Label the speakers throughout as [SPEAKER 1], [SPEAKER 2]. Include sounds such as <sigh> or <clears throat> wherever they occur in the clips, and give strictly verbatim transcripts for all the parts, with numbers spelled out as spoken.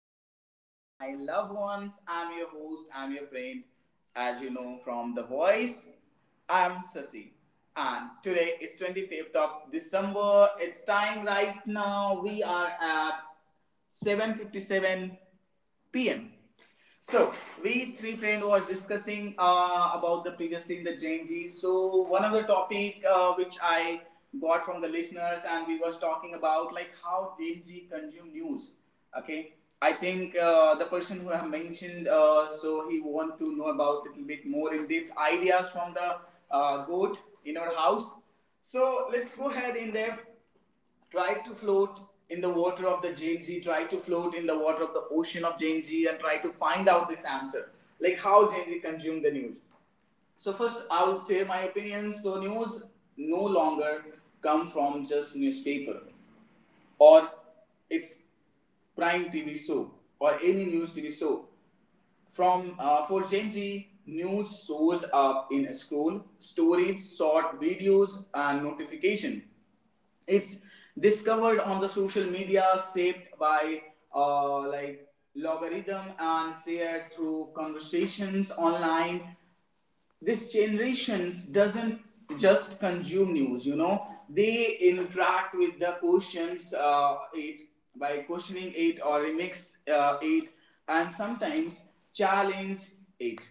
[SPEAKER 1] friend. Hi, my loved ones. I'm your host. I'm your friend. As you know from the voice, I'm Sasi. And today is twenty-fifth of December. It's time right now. We are at seven fifty-seven p m. So we three friend was discussing uh, about the previously in the J N G. So one of the topic uh, which I got from the listeners and we was talking about like how J N G consume news. Okay, I think uh, the person who have mentioned uh, so he want to know about little bit more in depth ideas from the uh, goat in our house. So let's go ahead in there. Try to float in the water of the Jain Z, try to float in the water of the ocean of Jain Z, and try to find out this answer. Like how Jain Z consume the news. So first, I will share my opinions. So news no longer come from just newspaper or its prime T V show or any news T V show. From uh, for Gen Z, news shows up in a scroll, stories, short videos, and notification. It's discovered on the social media, saved by uh, like logarithm and shared through conversations online. This generations doesn't just consume news, you know, they interact with the questions, uh, it by questioning it or remix uh, it, and sometimes challenge it.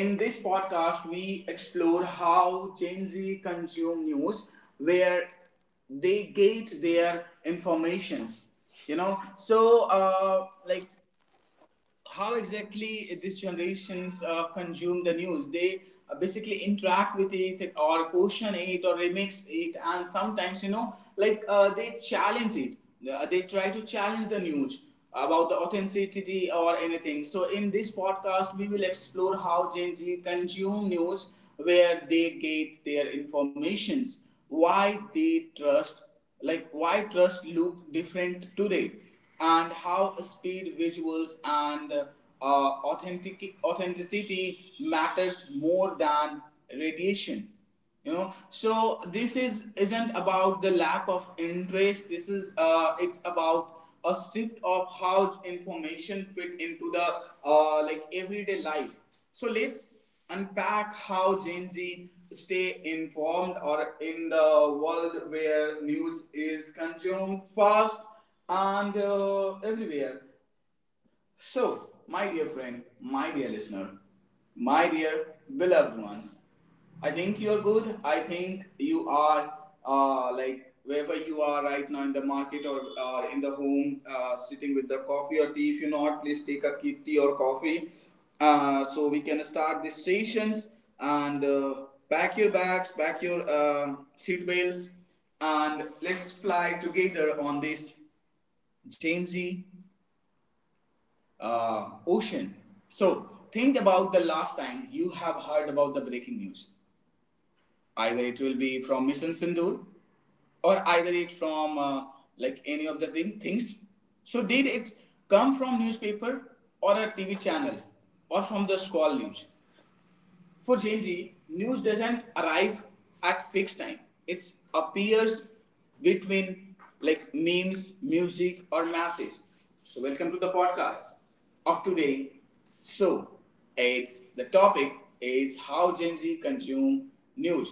[SPEAKER 1] In this podcast we explore how Gen Z consume news, where they get their informations. You know so uh, like how exactly these generations uh, consume the news. They uh, basically interact with it or question it or remix it, and sometimes, you know, like uh, they challenge it. Uh, they try to challenge the news about the authenticity or anything. So, in this podcast, we will explore how Gen Z consume news, where they get their informations, why they trust, like why trust look different today, and how speed, visuals, and uh, authentic authenticity matters more than radiation. You know, so this is isn't about the lack of interest. This is uh, it's about a shift of how information fit into the uh, like everyday life. So let's unpack how Gen Z stay informed or in the world where news is consumed fast and uh, everywhere. So, my dear friend, my dear listener, my dear beloved ones, I think you are good. I think you are uh, like wherever you are right now in the market or, or in the home, uh, sitting with the coffee or tea. If you're not, please take a ki- tea or coffee. Uh, so we can start these sessions and uh, pack your bags, pack your uh, seat belts, and let's fly together on this Jamesy, uh, Ocean. So think about the last time you have heard about the breaking news. Either it will be from Mission Sindoor, or either it from uh, like any of the thing, things. So did it come from newspaper or a T V channel or from the school news? For Gen Z, news doesn't arrive at fixed time. It appears between like memes, music, or masses. So welcome to the podcast of today. So it's the topic is how Gen Z consume news.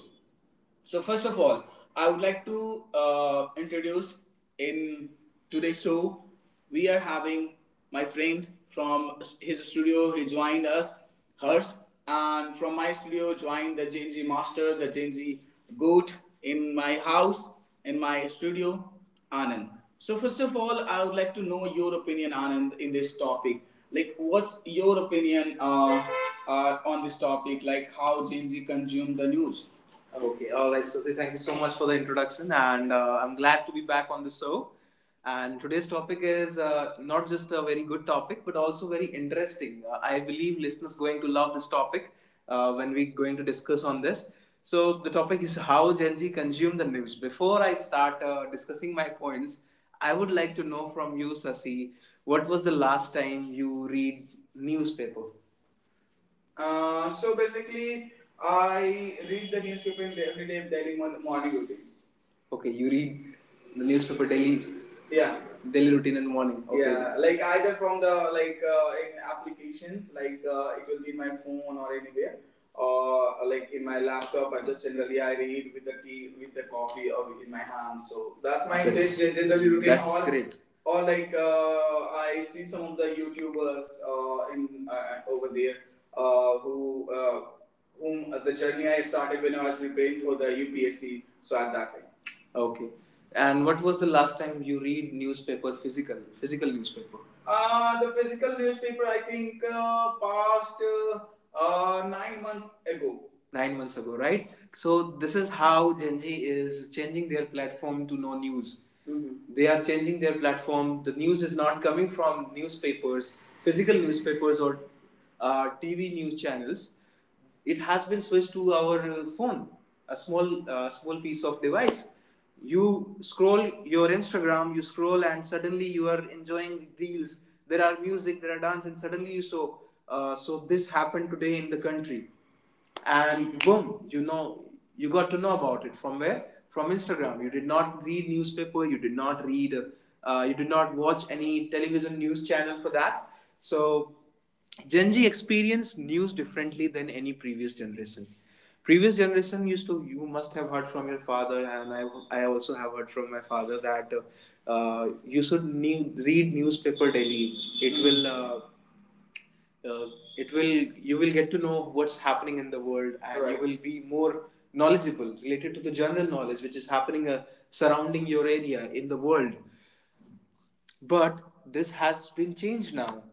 [SPEAKER 1] So first of all, I would like to uh, introduce in today's show. We are having my friend from his studio. He joined us, hers, and from my studio joined the J N G master, the J N G goat in my house, in my studio, Anand. So first of all, I would like to know your opinion, Anand, in this topic. Like, what's your opinion uh, uh, on this topic? Like, how J N G consume the news? Okay, all right. So, thank you so much for the introduction, and uh, I'm glad to be back on the show. And today's topic is uh, not just a very good topic, but also very interesting. Uh, I believe listeners going to love this topic uh, when we're going to discuss on this. So the topic is how Gen Z consume the news. Before I start uh, discussing my points, I would like to know from you, Sasi, what was the last time you read newspaper? Uh, so basically, I read the newspaper everyday daily morning routines. Okay, you read the newspaper daily, yeah, daily routine in the morning. Okay. Yeah, like either from the like uh, in applications, like uh, it will be my phone or anywhere, or uh, like in my laptop. I just generally I read with the tea, with the coffee, or in my hand. So that's my That's- take, generally routine. That's or, great. Or like uh, I see some of the YouTubers uh, in uh, over there uh, who uh, whom the journey I started when I was preparing for the U P S C. So at that time. Okay. And what was the last time you read newspaper physical physical newspaper? Uh, the physical newspaper, I think, uh, passed uh, uh, nine months ago nine months ago, right? So this is how Gen Z is changing their platform to no news. Mhm. They are changing their platform. The news is not coming from newspapers, physical newspapers, or uh, T V news channels. It has been switched to our uh, phone, a small uh, small piece of device. You scroll your Instagram, you scroll, and suddenly you are enjoying reels. There are music, there are dance, and suddenly you saw. Uh, so this happened today in the country and boom, you know, you got to know about it from where? From Instagram. You did not read newspaper, you did not read, uh, you did not watch any television news channel for that. So Gen Z experience news differently than any previous generation. Previous generation used to, you must have heard from your father, and i, I also have heard from my father that uh, you should new, read newspaper daily. It will uh, uh, it will you will get to know what's happening in the world, and right, you right, will be more knowledgeable related to the general knowledge which is happening, uh, surrounding your area in the world. But this has been changed now.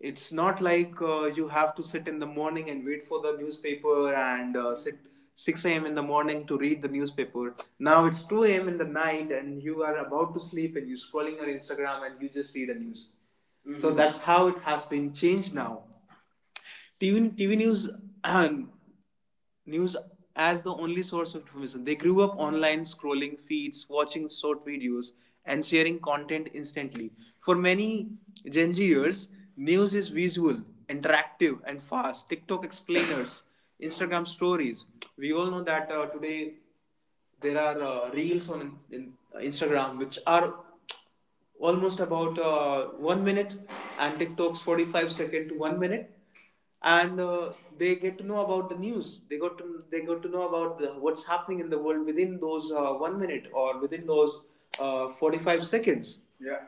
[SPEAKER 1] It's not like uh, you have to sit in the morning and wait for the newspaper and uh, sit six a m in the morning to read the newspaper. Now it's two a m in the night and you are about to sleep and you're scrolling your Instagram and you just read a news. Mm-hmm. So that's how it has been changed now. T V, T V news <clears throat> news as the only source of information. They grew up online, scrolling feeds, watching short videos, and sharing content instantly. For many Gen Zers, news is visual, interactive, and fast. TikTok explainers, <coughs> Instagram stories. We all know that uh, today there are uh, reels on in, in uh, Instagram which are almost about uh, one minute, and TikTok's forty-five second to one minute, and uh, they get to know about the news. They got to they got to know about the, what's happening in the world within those uh, one minute or within those uh, forty-five seconds. Yeah,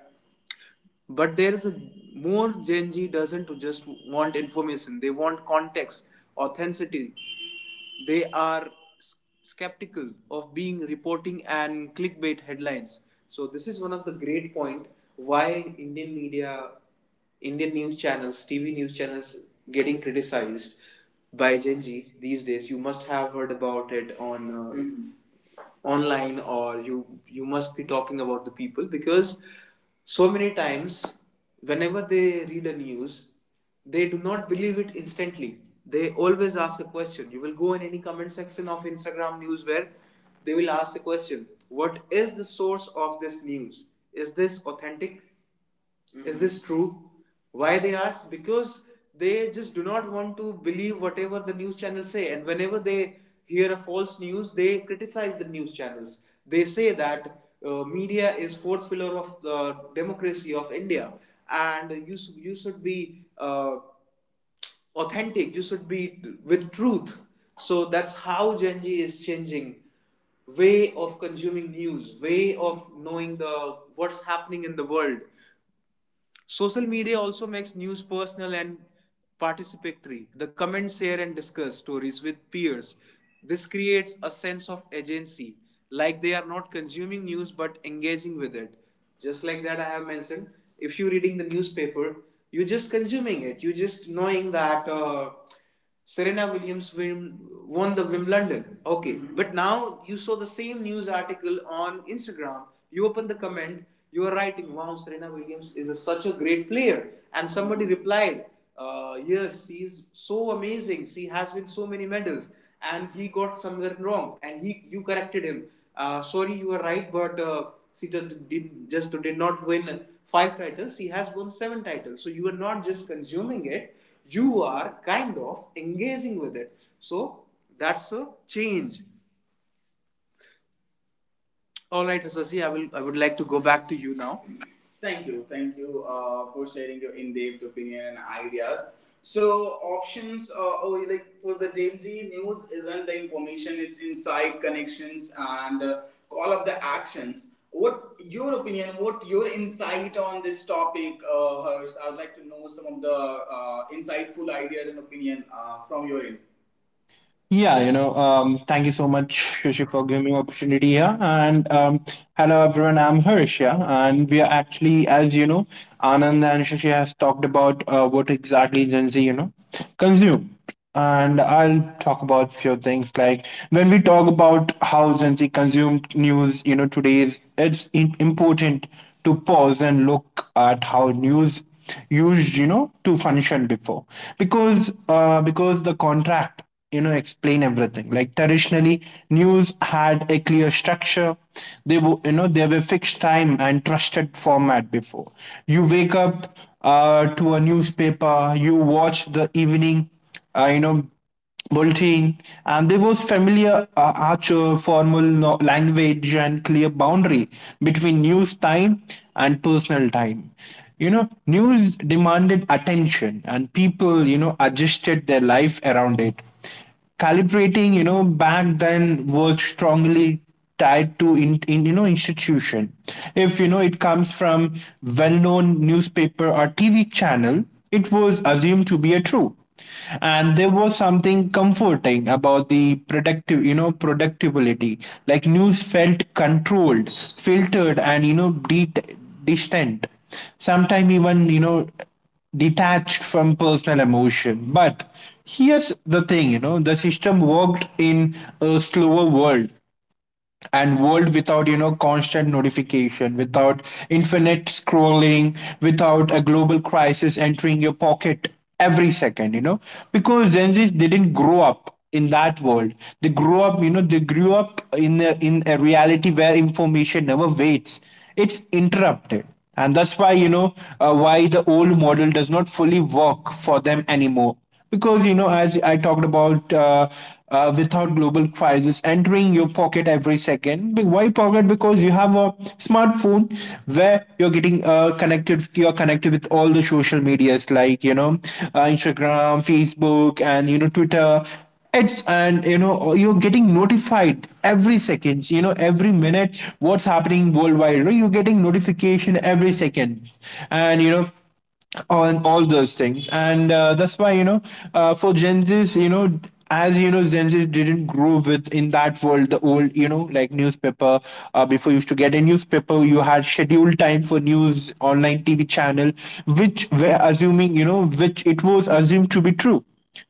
[SPEAKER 1] but there is a more. Gen Z doesn't just want information; they want context, authenticity. They are skeptical of being reporting and clickbait headlines. So this is one of the great point why Indian media, Indian news channels, T V news channels getting criticized by Gen Z these days. You must have heard about it on uh, mhm, online, or you you must be talking about the people, because so many times whenever they read a news they do not believe it instantly, they always ask a question. You will go in any comment section of Instagram news where they will ask the question, what is the source of this news? Is this authentic? Mm-hmm. Is this true? Why they ask? Because they just do not want to believe whatever the news channels say, and whenever they hear a false news, they criticize the news channels. They say that uh, media is fourth pillar of the democracy of India, and you you should be uh, authentic. You should be with truth. So that's how Gen Z is changing way of consuming news, way of knowing the what's happening in the world. Social media also makes news personal and participatory. The comments share and discuss stories with peers. This creates a sense of agency, like they are not consuming news but engaging with it. Just like that, I have mentioned, if you're reading the newspaper, you're just consuming it. You're just knowing that uh, Serena Williams win, won the Wimbledon. Okay, mm-hmm, but now you saw the same news article on Instagram. You open the comment, you are writing, "Wow, Serena Williams is a, such a great player," and somebody replied, uh, "Yes, she is so amazing. She has won so many medals." And he got somewhere wrong and he you corrected him. Uh, "sorry, you are right, but uh, Sita did, just did not win five titles, he has won seven titles." So you are not just consuming it, you are kind of engaging with it. So that's a change. All right, Asasi, I will. I would like to go back to you now. Thank you. Thank you uh, for sharing your in-depth opinion and ideas. So options, uh, oh, like for the daily news isn't the information, it's inside connections and uh, all of the actions. What your opinion, what your insight on this topic, uh, Harsh? I would like to know some of the uh, insightful ideas and opinion uh, from your end.
[SPEAKER 2] Yeah, you know, um, thank you so much, Shushi, for giving me opportunity here. And um, Hello, everyone. I'm Harish, yeah, and we are actually, as you know, Anand and Shushi has talked about uh, what exactly Gen Z, you know, consume. And I'll talk about few things like when we talk about how Gen Z consumed news, you know, today's it's in- important to pause and look at how news used, you know, to function before because uh, because the contract, you know, explain everything. Like traditionally news had a clear structure. They were, you know, they were fixed time and trusted format. Before you wake up uh, to a newspaper, you watch the evening uh, you know bulletin, and there was familiar uh, archer formal no- language and clear boundary between news time and personal time. You know, news demanded attention and people, you know, adjusted their life around it. Calibrating, you know, back then was strongly tied to in, in you know institution. If you know it comes from well-known newspaper or TV channel, it was assumed to be a true, and there was something comforting about the productive you know productivity. Like news felt controlled, filtered, and you know de- distant, sometimes even, you know, detached from personal emotion. But here's the thing, you know, the system worked in a slower world, and world without, you know, constant notification, without infinite scrolling, without a global crisis entering your pocket every second, you know, because Gen Z's didn't grow up in that world. They grew up you know they grew up in a, in a reality where information never waits, it's interrupted. And that's why, you know, uh, why the old model does not fully work for them anymore. Because, you know, as I talked about, uh, uh, without global crisis entering your pocket every second. Be- why pocket? Because you have a smartphone, where you're getting uh, connected. You're connected with all the social medias, like, you know, uh, Instagram, Facebook, and, you know, Twitter. It's and, you know, you're getting notified every second, you know, every minute what's happening worldwide. You know, you're getting notification every second, and, you know, on all those things. And uh, that's why, you know, uh, for Gen Z's, you know, as you know, Gen Z didn't grow with in that world. The old, you know, like newspaper, uh, before you used to get a newspaper, you had scheduled time for news, online TV channel, which were assuming, you know, which it was assumed to be true,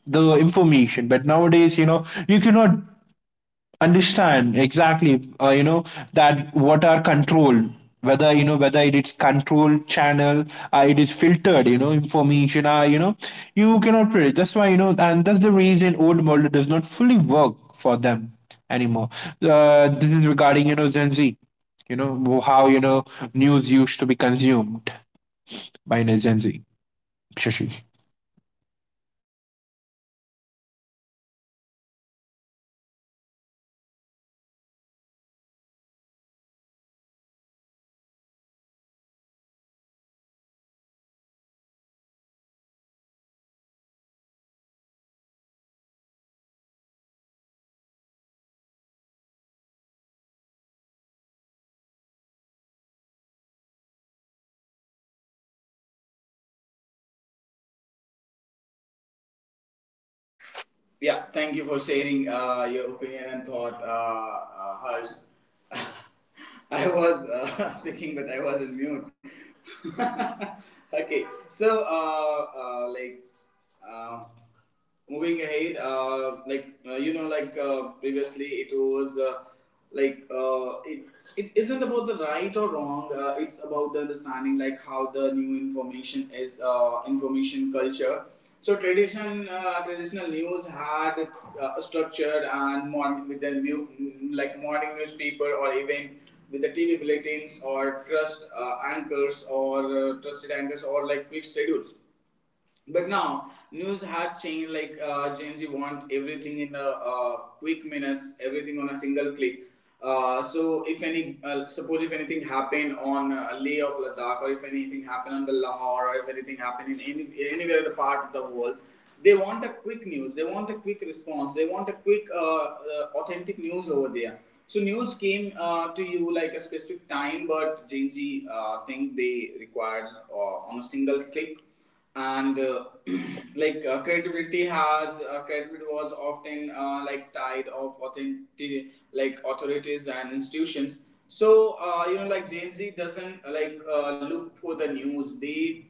[SPEAKER 2] the information. But nowadays, you know, you cannot understand exactly uh, you know, that what are controlled, whether, you know, whether it is controlled channel, uh, it is filtered, you know, information, uh, you know, you cannot predict. That's why, you know, and that's the reason old model does not fully work for them anymore. Uh, this is regarding, you know, Gen Z, you know, how, you know, news used to be consumed by, you know, Gen Z, Shashi.
[SPEAKER 1] Yeah, thank you for sharing uh, your opinion and thought, uh, uh, Harsh. <laughs> I was uh, <laughs> speaking, but I was in mute. <laughs> Okay, so uh, uh, like uh, moving ahead, uh, like uh, you know, like uh, previously it was. Uh, Like uh, it it isn't about the right or wrong, uh, it's about the understanding, like how the new information is uh, information culture. So tradition, uh, traditional news had uh, a structured and modern with the new, like morning newspaper or even with the T V bulletins or trust uh, anchors or uh, trusted anchors or like quick schedules. But now news have changed. Like uh, Gen Z want everything in a uh, quick minutes, everything on a single click. Uh, so if any, uh, suppose if anything happened on uh, Leh of Ladakh, or if anything happened on the Lahore, or if anything happened in any anywhere in the part of the world, they want a quick news. They want a quick response. They want a quick, uh, uh, authentic news over there. So news came uh, to you like a specific time, but Gen Z uh, think they requires uh, on a single click. And uh, <clears throat> like uh, credibility has uh, credibility was often uh, like tied of authentic, like authorities and institutions. So uh, you know, like Gen Z doesn't uh, like uh, look for the news, they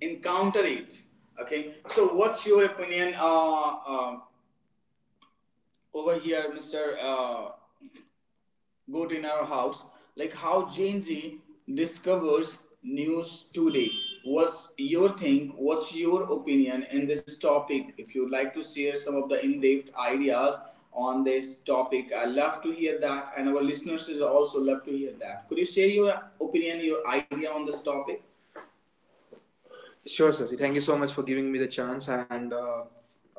[SPEAKER 1] encounter it. Okay, so what's your opinion uh, uh, over here, Mr. uh, good in our house, like how Genji discovers news today? What's your think what's your opinion in this topic? If you'd like to share some of the in-depth ideas on this topic, I love to hear that, and our listeners is also love to hear that. Could you share your opinion, your idea on this topic? Sure, Sasi. Thank you so much for giving me the chance and uh,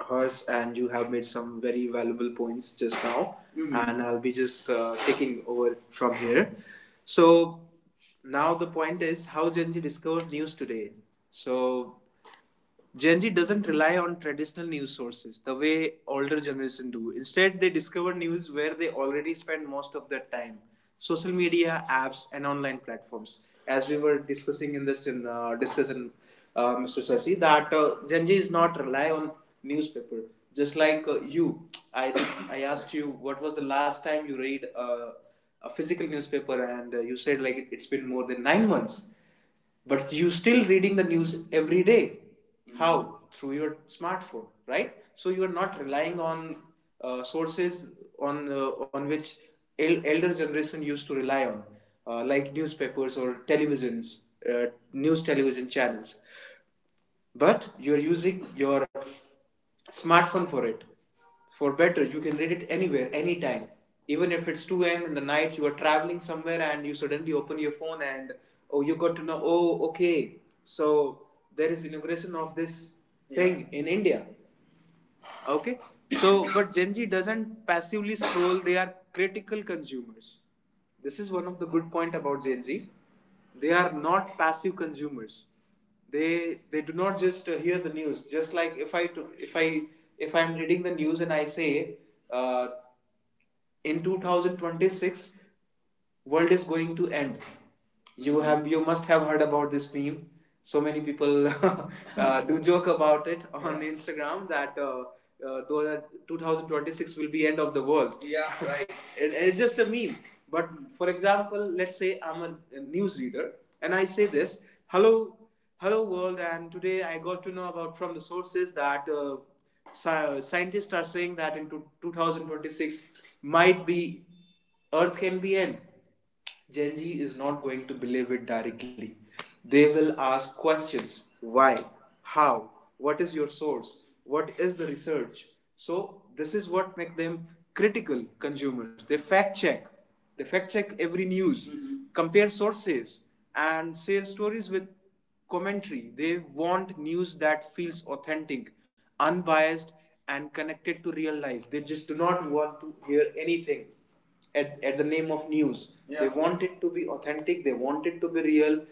[SPEAKER 1] hers. And you have made some very valuable points just now, Mhm. And I'll be just uh, taking over from here. So now the point is how Gen Z discovers news today. So Gen Z doesn't rely on traditional news sources the way older generation do. Instead, they discover news where they already spend most of their time: social media, apps, and online platforms. As we were discussing in this in, uh, discussion, uh, Mister Sasi, that uh, Gen Z is not rely on newspaper. Just like uh, you, I <coughs> I asked you what was the last time you read uh, a physical newspaper, and uh, you said like it's been more than nine months, but you still reading the news every day. Mm-hmm. How? Through your smartphone, right? So you are not relying on uh, sources on uh, on which el- elder generation used to rely on, uh, like newspapers or televisions, uh, news television channels, but you're using your smartphone for it. For better, you can read it anywhere, anytime. Even if it's two a.m. in the night, you are traveling somewhere and you suddenly open your phone and, oh, you got to know, oh, okay, so there is inauguration of this thing, yeah, in India. Okay. So but Gen Z doesn't passively scroll, they are critical consumers. This is one of the good point about Gen Z: they are not passive consumers. They they do not just uh, hear the news. Just like if I, if i if I'm reading the news and I say, uh, in two thousand twenty-six world is going to end. You have, you must have heard about this meme. So many people <laughs> uh, do joke about it on Instagram, that uh, uh, though twenty twenty-six will be end of the world. Yeah, right. <laughs> It, it's just a meme. But for example, let's say I'm a, a news reader and I say this. Hello, hello world, and today I got to know about from the sources that uh, sci- scientists are saying that into two thousand twenty-six might be Earth can be end. Gen Z is not going to believe it directly. They will ask questions: Why? How? What is your source? What is the research? So this is what make them critical consumers. They fact check. They fact check every news, mm-hmm, compare sources, and share stories with commentary. They want news that feels authentic, unbiased, and connected to real life. They just do not want to hear anything at, at the name of news. Yeah. They, yeah, want it to be authentic, they want it to be real,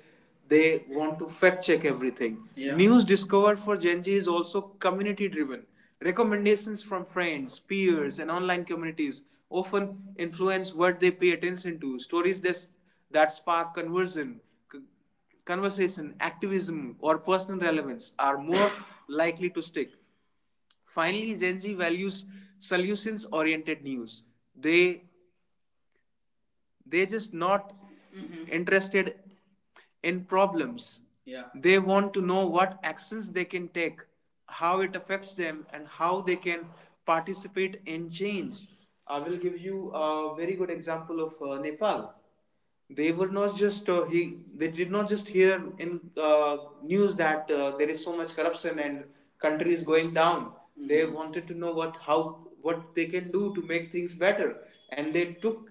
[SPEAKER 1] they want to fact check everything. Yeah. News discovered for Gen Z is also community driven. Recommendations from friends, peers, and online communities often influence what they pay attention to. Stories that, that spark conversion, conversation, activism, or personal relevance are more <laughs> likely to stick. Finally, Gen Z values solutions oriented news. They they just not mm-hmm, interested in problems. Yeah. They want to know what actions they can take, how it affects them, and how they can participate in change. I will give you a very good example of uh, Nepal. They were not just uh, he they did not just hear in uh, news that uh, there is so much corruption and country is going down. Mm-hmm. They wanted to know what how, what they can do to make things better. And they took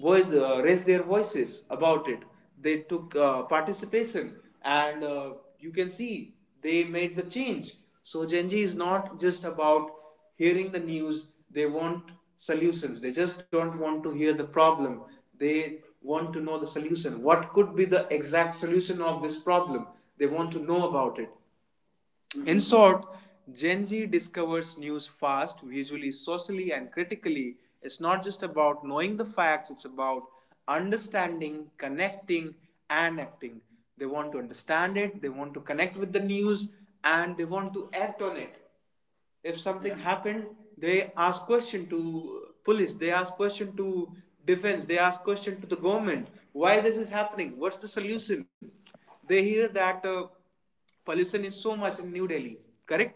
[SPEAKER 1] voice, uh, raised their voices about it. They took uh, participation, and uh, you can see they made the change. So Gen Z is not just about hearing the news; they want solutions. They just don't want to hear the problem. They want to know the solution. What could be the exact solution of this problem? They want to know about it. Mm-hmm. In short, Gen Z discovers news fast, visually, socially, and critically. It's not just about knowing the facts, it's about understanding, connecting, and acting. They want to understand it, they want to connect with the news, and they want to act on it. If something, yeah, happened, they ask question to police, they ask question to defense, they ask question to the government: why this is happening, what's the solution? They hear that uh, pollution is so much in New Delhi, correct?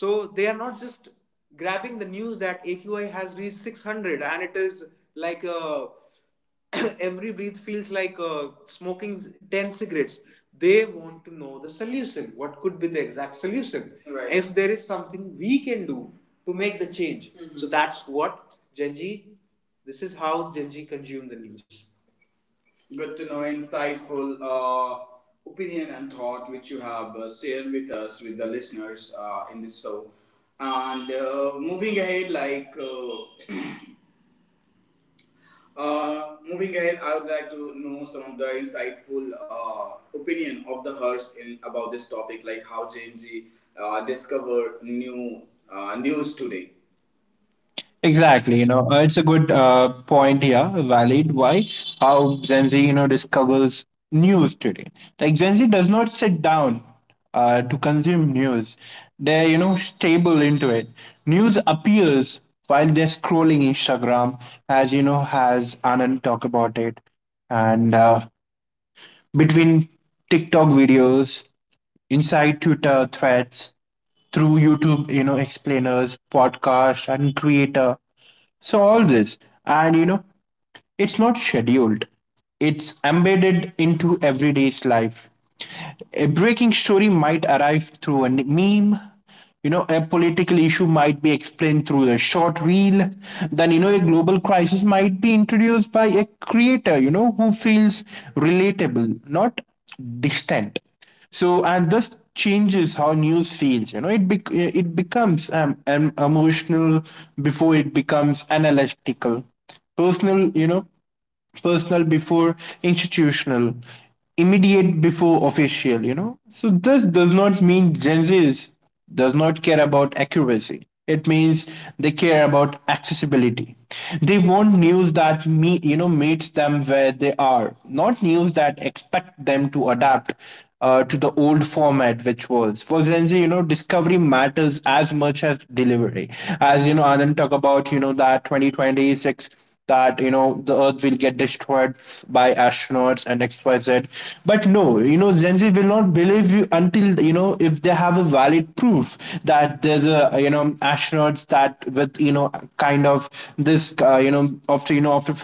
[SPEAKER 1] So they are not just grabbing the news that A Q I has reached six hundred and it is like a, <coughs> every breath feels like uh, smoking ten cigarettes. They want to know the solution, what could be the exact solution. Right. If there is something we can do to make the change. Mhm. So that's what Gen Z, this is how Gen Z consume the news. Good to know insightful uh, opinion and thought which you have uh, shared with us, with the listeners uh, in this show. And uh, moving ahead, like uh, uh, moving ahead, I would like to know some of the insightful uh, opinion of the Hearst in about this topic, like how James G uh, discover new uh, news today.
[SPEAKER 2] Exactly, you know, uh, it's a good uh, point here, valid. Why? How Gen Z, you know, discovers news today. Like Gen Z does not sit down uh, to consume news. They're, you know, stable into it. News appears while they're scrolling Instagram, as you know, has Anand talk about it, and uh, between TikTok videos, inside Twitter threads, through YouTube, you know, explainers, podcast, and creator. So all this, and, you know, it's not scheduled, it's embedded into everyday's life. A breaking story might arrive through a meme. You know, a political issue might be explained through a short reel. Then, you know, a global crisis might be introduced by a creator, you know, who feels relatable, not distant. So, and this changes how news feels. You know, it bec- it becomes um, um, emotional before it becomes analytical, personal, you know, personal before institutional, immediate before official. You know, so this does not mean Gen Z's does not care about accuracy. It means they care about accessibility. They want news that me you know meets them where they are, not news that expect them to adapt uh, to the old format, which was for Gen, you know, discovery matters as much as delivery. As you know, Anand talk about, you know, that twenty twenty-six, that, you know, the earth will get destroyed by astronauts and xyz. But no, you know, Gen Z will not believe you until, you know, if they have a valid proof that there's a, you know, astronauts that with, you know, kind of this, uh, you know, after, you know, after,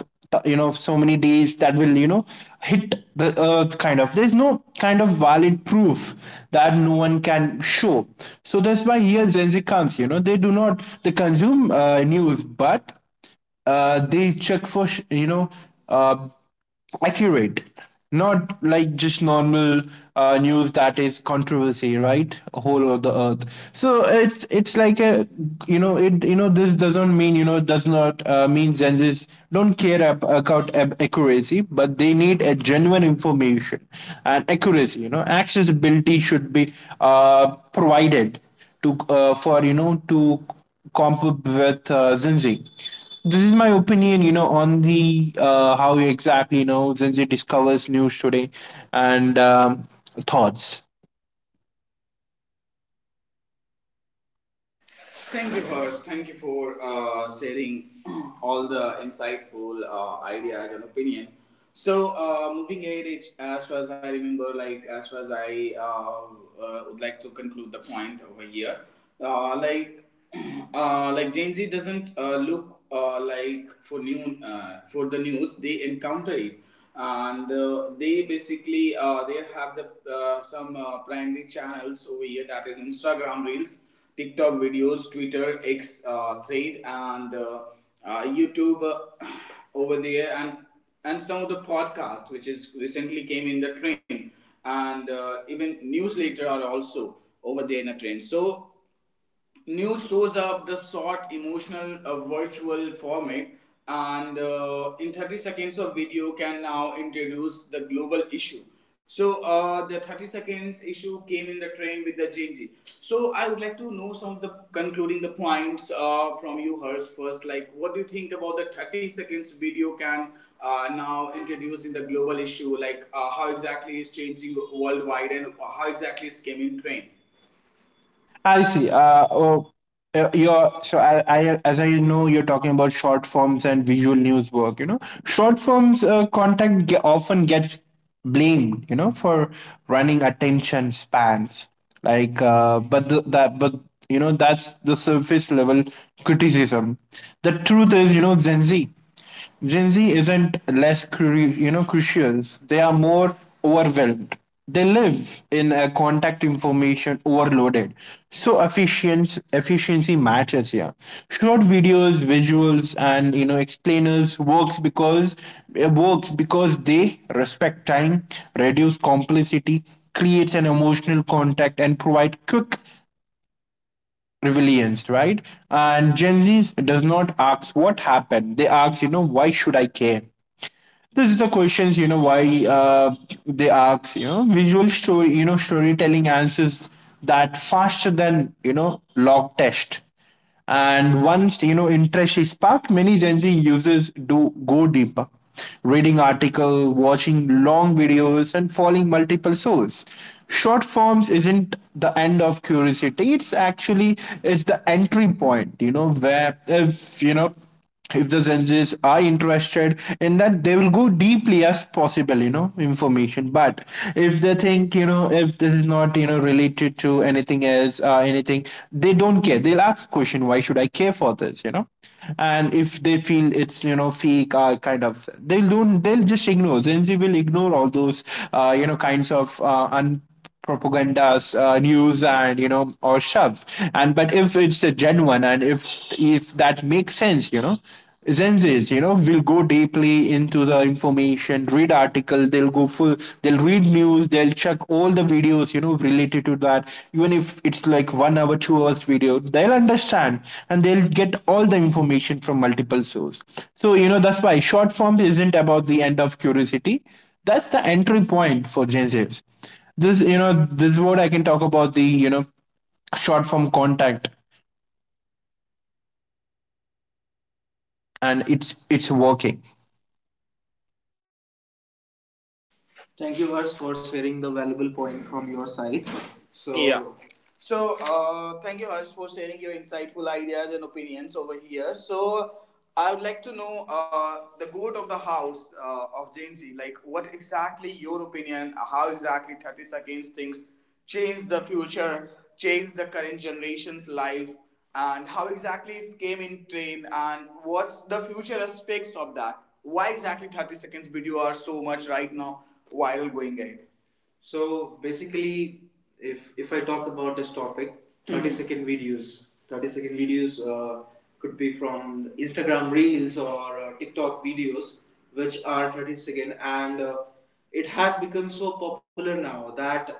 [SPEAKER 2] you know, so many days, that will, you know, hit the earth kind of. There's no kind of valid proof that no one can show. So that's why here Gen Z comes, you know, they do not, they consume uh, news, but uh, they check for, you know, uh, accurate, not like just normal uh, news that is controversy, right, whole of the earth. So it's it's like a, you know, it, you know, this doesn't mean, you know, does not uh, mean Gen Zs don't care ab- about ab- accuracy, but they need a genuine information and accuracy. You know, accessibility should be uh, provided to, uh, for, you know, to comp up with uh, Zinzi. This is my opinion, you know, on the uh, how exactly, you know, Zinzi discovers news today and um, thoughts.
[SPEAKER 1] Thank you, Hearst. Thank you for uh, sharing <clears throat> all the insightful uh, ideas and opinion. So, uh, moving ahead, is, as far as I remember, like as far as I uh, uh, would like to conclude the point over here, uh, like uh, like Gen Z doesn't uh, look uh, like for new uh, for the news. They encounter it, and uh, they basically uh, they have the uh, some uh, primary channels over here, that is Instagram Reels, TikTok videos, Twitter, X uh, thread, and uh, uh, YouTube uh, <clears throat> over there, and and some of the podcast which is recently came in the trend, and uh, even newsletter are also over there in a trend. So news shows up the short emotional uh, virtual format, and uh, in thirty seconds of video can now introduce the global issue. So uh, the thirty seconds issue came in the trend with the Genji. So I would like to know some of the concluding the points uh, from you, hers first, like what do you think about the thirty seconds video can uh, now introduce in the global issue, like uh, how exactly is changing worldwide and how exactly is came in trend.
[SPEAKER 2] I see. Uh, oh, uh, you're so I, I as I know you're talking about short forms and visual news work. You know, short forms uh, content ge- often gets blamed. You know, for running attention spans. Like, uh, but the, that but you know, that's the surface level criticism. The truth is, you know, Gen Z. Gen Z isn't less cru- you know, crucial. They are more overwhelmed. They live in a contact information overloaded. So efficiency efficiency matters here. Short videos, visuals, and, you know, explainers works because it works because they respect time, reduce complexity, creates an emotional contact, and provide quick resilience, right? And Gen Z does not ask what happened. They ask, you know, why should I care? This is the questions, you know, why, uh, they ask, you know, visual story you know storytelling answers that faster than, you know, log test. And once, you know, interest is sparked, many Gen Z users do go deeper, reading article, watching long videos, and following multiple sources. Short forms isn't the end of curiosity, it's actually, it's the entry point. You know, where if, you know, if the judges are interested in that, they will go deeply as possible, you know, information. But if they think, you know, if this is not, you know, related to anything else, uh, anything, they don't care, they'll ask question, why should I care for this? You know, and if they feel it's, you know, fake, uh, kind of, they don't, they'll just ignore. Gen Z will ignore all those, uh, you know, kinds of, uh, un propagandas, uh, news, and, you know, or shove. And but if it's a genuine, and if if that makes sense, you know, Zenzes, you know, will go deeply into the information, read article, they'll go full, they'll read news, they'll check all the videos, you know, related to that. Even if it's like one hour, two hours video, they'll understand, and they'll get all the information from multiple source. So, you know, that's why short form isn't about the end of curiosity. That's the entry point for Gen Zs. This, you know, this is what I can talk about the, you know, short form contact, and it's it's working.
[SPEAKER 1] Much for sharing the valuable point from your side. So yeah. So, uh, thank you, Harsh, for sharing your insightful ideas and opinions over here. So, I would like to know uh, the goat of the house uh, of Gen Z. Like, what exactly your opinion? How exactly thirty seconds things change the future, change the current generation's life, and how exactly it came in train, and what's the future aspects of that? Why exactly thirty seconds video are so much right now viral going ahead? So basically, if if I talk about this topic, thirty second mm-hmm. videos, thirty second videos uh, could be from Instagram Reels or uh, TikTok videos, which are thirty second, and uh, it has become so popular now that it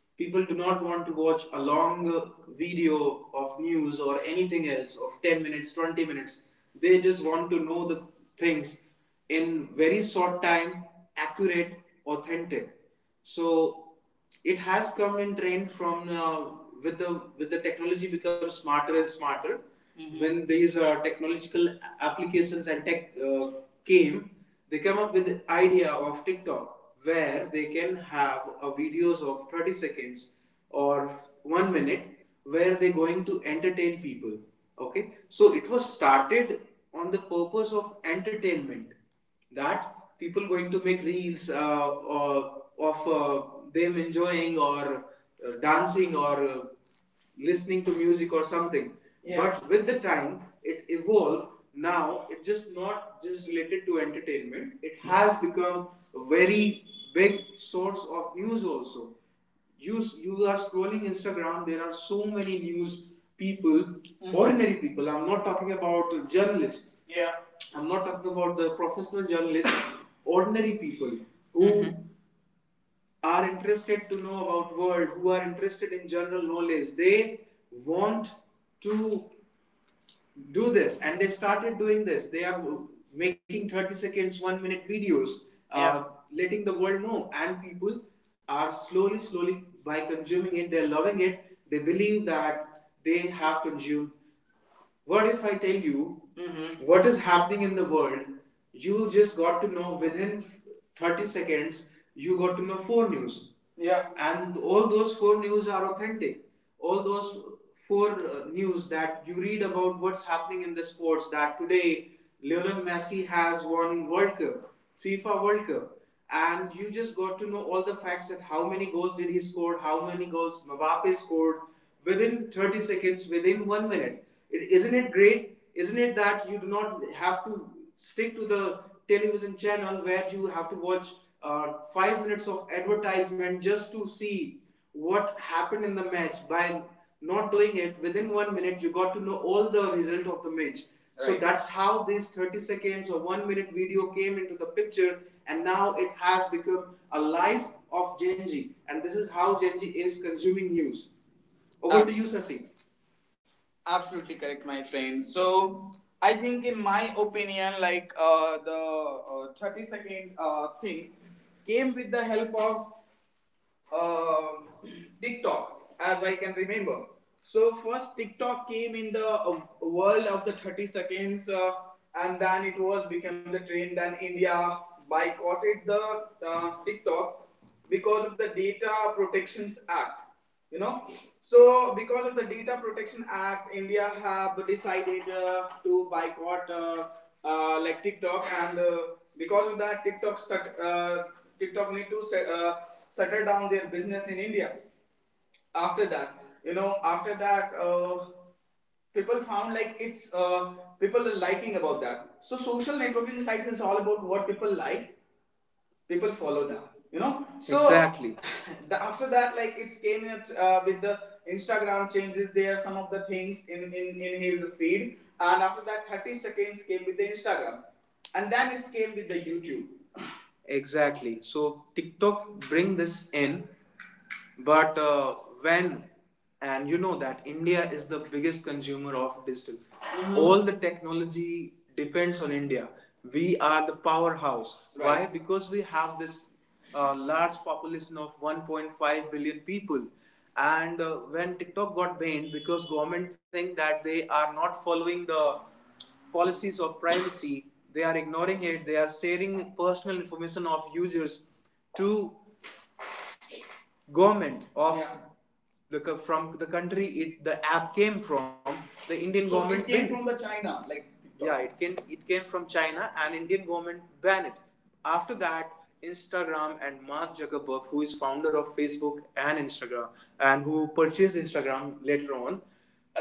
[SPEAKER 1] people do not want to watch a long uh, video of news or anything else of ten minutes twenty minutes, they just want to know the things in very short time, accurate, authentic. So it has come in trend from uh, with the with the technology becomes smarter and smarter. Mhm. When these uh, technological applications and tech uh, came, they come up with the idea of TikTok where they can have a videos of thirty seconds or one minute where they're going to entertain people. Okay, so it was started on the purpose of entertainment that people going to make reels uh, or of uh, them enjoying or uh, dancing or uh, listening to music or something. Yeah. But with the time it evolved. Now it's just not just related to entertainment, it has become a very big source of news also. you you are scrolling Instagram, there are so many news people. Mhm. Ordinary people, I'm not talking about journalists. Yeah. I'm not talking about the professional journalists. <laughs> <coughs> Ordinary people who mm-hmm. are interested to know about world, who are interested in general knowledge, they want to do this, and they started doing this. They are making thirty seconds one minute videos, uh, yeah, letting the world know, and people are slowly slowly by consuming it, they're loving it. They believe that they have consumed. What if I tell you, Mhm. what is happening in the world? You just got to know within thirty seconds. You got to know four news. Yeah. And all those four news are authentic. All those four uh, news that you read about what's happening in the sports, that today Lionel Messi has won World Cup, FIFA World Cup, and you just got to know all the facts, that how many goals did he score, how many goals Mbappe scored, within thirty seconds, within one minute. It, isn't it great, isn't it, that you do not have to stick to the television channel where you have to watch uh, five minutes of advertisement just to see what happened in the match. By not doing it, within one minute, you got to know all the result of the match. Right. So, Right. that's how this thirty seconds or one minute video came into the picture, and now it has become a life of Genji. And this is how Genji is consuming news. Over Absolutely. To you, Sasi. Absolutely correct, my friend. So I think, in my opinion, like uh, the uh, thirty second uh, things came with the help of um <clears throat> TikTok, as I can remember. So first TikTok came in the uh, world of the thirty seconds, uh, and then it was become the trend. Then India boycotted the uh, TikTok because of the Data Protections Act, you know. So because of the Data Protection Act, India have decided uh, to boycott, uh, uh, like TikTok, and uh, because of that TikTok shut, uh, TikTok need to set, uh, shutter down their business in India. After that, you know, after that uh, people found like it's uh, people are liking about that. So social networking sites is all about what people like, people follow them, you know. So Exactly. <laughs> the, after that like it's came in uh, with the Instagram changes there some of the things in, in in his feed, and after that thirty seconds came with the Instagram, and then it came with the YouTube. Exactly. So TikTok bring this in, but uh, when and you know that India is the biggest consumer of digital. Mhm. All the technology depends on India. We are the powerhouse. Why? Right. Because we have this uh, large population of one point five billion people. And uh, when TikTok got banned, because government think that they are not following the policies of privacy. They are ignoring it. They are sharing personal information of users to government of Yeah. the from the country it the app came from, the Indian So government it came from the China, like TikTok. Yeah, it came, it came from China, and Indian government banned it. After that, Instagram and Mark Zuckerberg, who is founder of Facebook and Instagram, and who purchased Instagram later on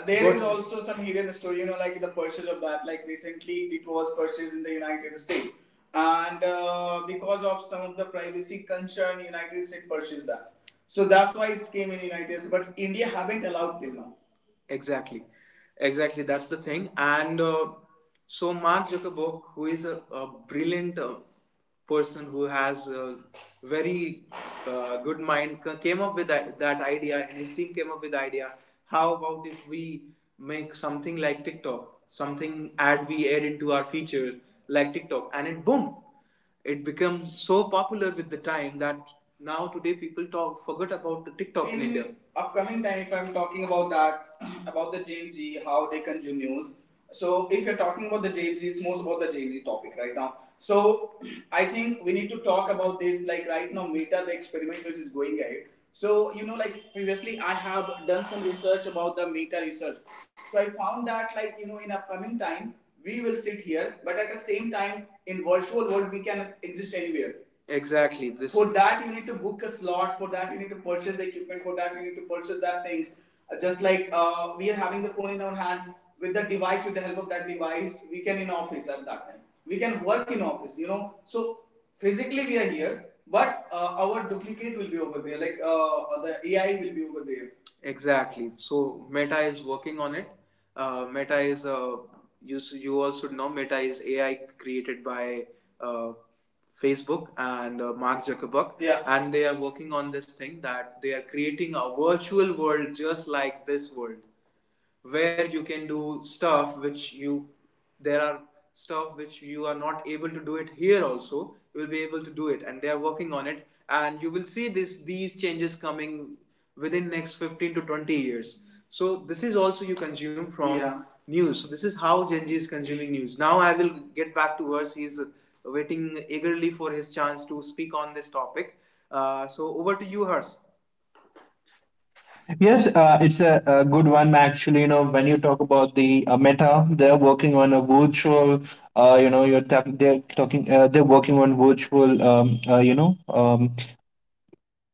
[SPEAKER 1] There but, is What- also some hidden story, you know, like the purchase of that. Like recently, it was purchased in the United States, and uh, because of some of the privacy concern, United States purchased that. So that's why it's came in United States, but India haven't allowed till now. Exactly, exactly. That's the thing. And uh, so Mark Zuckerberg, who is a, a brilliant uh, person who has a very uh, good mind, ca- came up with that, that idea, and his team came up with the idea. How about if we make something like TikTok, something ad we add into our feature like TikTok, and it boom, it became so popular with the time that now today people talk forget about the TikTok in, in India. Upcoming time if I'm talking about that <clears throat> about the Gen Z, how they consume news. So if you're talking about the Gen Z, it's most about the Gen Z topic right now. So <clears throat> I think we need to talk about this, like right now Meta, the experiment which is going ahead. So you know, like previously I have done some research about the Meta research. So I found that, like, you know, in upcoming time we will sit here, but at the same time, in virtual world, we can exist anywhere. Exactly. This For that, you need to book a slot. For that, you need to purchase the equipment. For that, you need to purchase that things. Uh, Just like uh, we are having the phone in our hand, with the device, with the help of that device, we can in office at that time. We can work in office, you know. So physically we are here, but uh, our duplicate will be over there. Like uh, the A I will be over there. Exactly. So Meta is working on it. Uh, Meta is uh, you s- you all should know Meta is A I created by uh, Facebook and uh, Mark Zuckerberg. Yeah. And they are working on this thing, that they are creating a virtual world just like this world where you can do stuff which you there are stuff which you are not able to do it here also, you will be able to do it, and they are working on it, and you will see this these changes coming within next fifteen to twenty years. So this is also you consume from Yeah. news. So this is how Gen Z is consuming news. Now I will get back to us, he's waiting eagerly for his chance to speak on this topic. Uh, so over to you Hers.
[SPEAKER 2] Yes, uh, it's a, a good one actually. You know, when you talk about the uh, meta, they're working on a virtual, uh, you know, you're talk- they're talking uh, they're working on virtual um, uh, you know, um,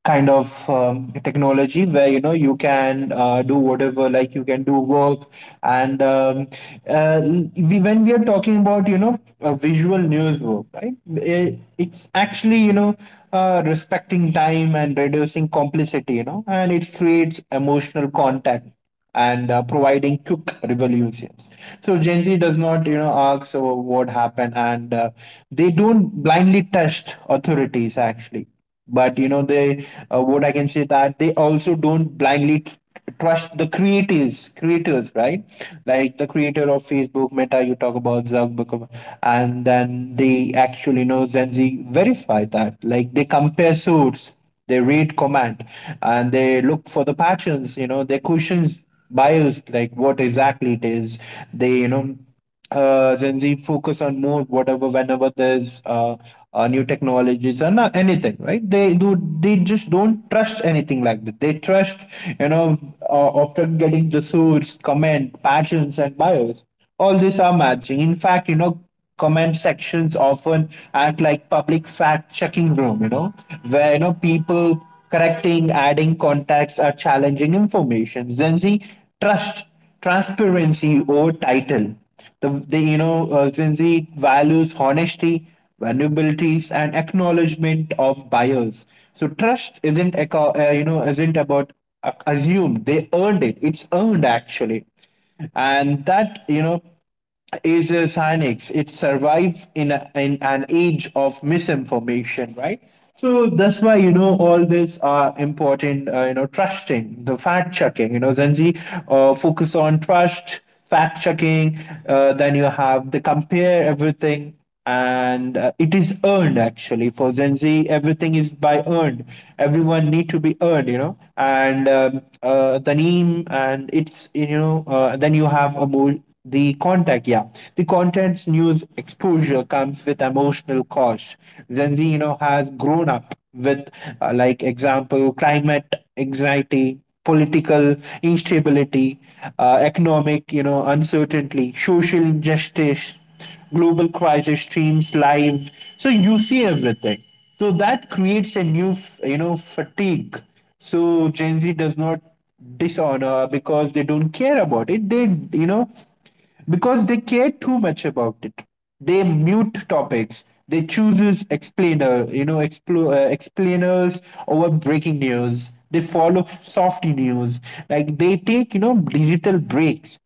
[SPEAKER 2] kind of um, technology where, you know, you can uh, do whatever, like you can do work. And um, uh, we, when we are talking about, you know, uh, visual news work, right, it, it's actually, you know, uh, respecting time and reducing complicity, you know, and it creates emotional contact, and uh, providing quick revolutions. So Gen Z does not, you know, ask uh, what happened, and uh, they don't blindly trust authorities actually. But you know, they, uh, what I can say that they also don't blindly tr- trust the creators, creators, right? Like the creator of Facebook, Meta, you talk about Zuckerberg, and then they actually you know Gen Z verify that, like they compare source, they read command, and they look for the patterns, you know they questions bios like what exactly it is. They you know uh, Gen Z focus on more whatever whenever there's uh, uh, new technologies or not anything, right? They do, they just don't trust anything like that. They trust, you know uh, after getting the source comment patterns and bios, all these are matching in fact, you know comment sections often act like public fact checking room, you know where you know people correcting adding contacts or challenging information. Gen Z trust transparency over title. The, the you know uh, Gen Z values honesty, vulnerabilities, and acknowledgement of buyers. So trust isn't aco- uh, you know isn't about uh, assumed. They earned it It's earned actually. And that you know is uh, Sinex. It survives in, a, in an age of misinformation, right? So that's why you know all these are important. Uh, you know, trusting the fact checking. You know, Zenzi uh, focus on trust, fact checking. Uh, then you have the compare everything, and uh, it is earned actually for Gen Z. Everything is by earned. Everyone need to be earned, you know. And um, uh, The name and it's you know. Uh, then you have a more the contact. Yeah, the content's news exposure comes with emotional cost. Gen Z, you know, has grown up with uh, like example climate anxiety, political instability, uh, economic, you know uncertainty, social injustice, global crisis streams live. So you see everything. So that creates a new, f- you know, fatigue. So Gen Z does not dishonor because they don't care about it. They, you know, because they care too much about it. They mute topics. They chooses explainer, you know, explo- uh, explainers over breaking news. They follow soft news. Like they take, you know, digital breaks.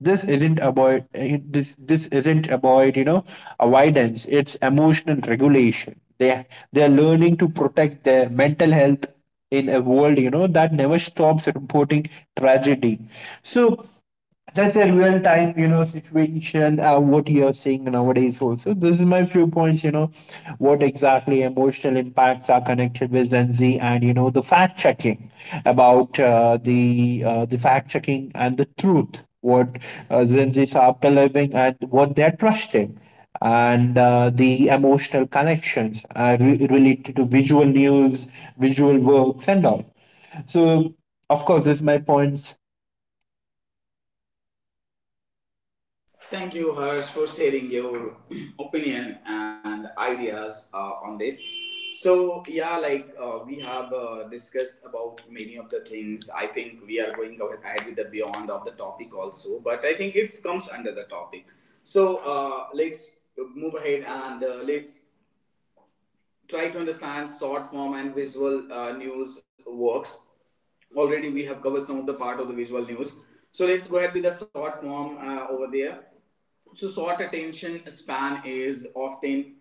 [SPEAKER 2] This isn't about eh, this this isn't about you know avoidance. It's emotional regulation. They they are learning to protect their mental health in a world, you know that never stops reporting tragedy. So that's a real time, you know, situation. Uh, what you're seeing nowadays, also. This is my few points. You know, what exactly emotional impacts are connected with Gen Z, and you know, the fact checking about uh, the uh, the fact checking and the truth. What uh, Gen Zs are believing and what they're trusting, and uh, the emotional connections, uh, re- related to visual news, visual works, and all. So, of course, this is my point.
[SPEAKER 1] Thank you, Harsh, for sharing your <clears throat> opinion and ideas uh, on this. So, yeah, like uh, we have uh, discussed about many of the things. I think we are going a- ahead with the beyond of the topic also, but I think it comes under the topic. So, uh, let's move ahead and uh, let's try to understand short form and visual uh, news works. Already we have covered some of the part of the visual news. So let's go ahead with the short form uh, over there. So short attention span is often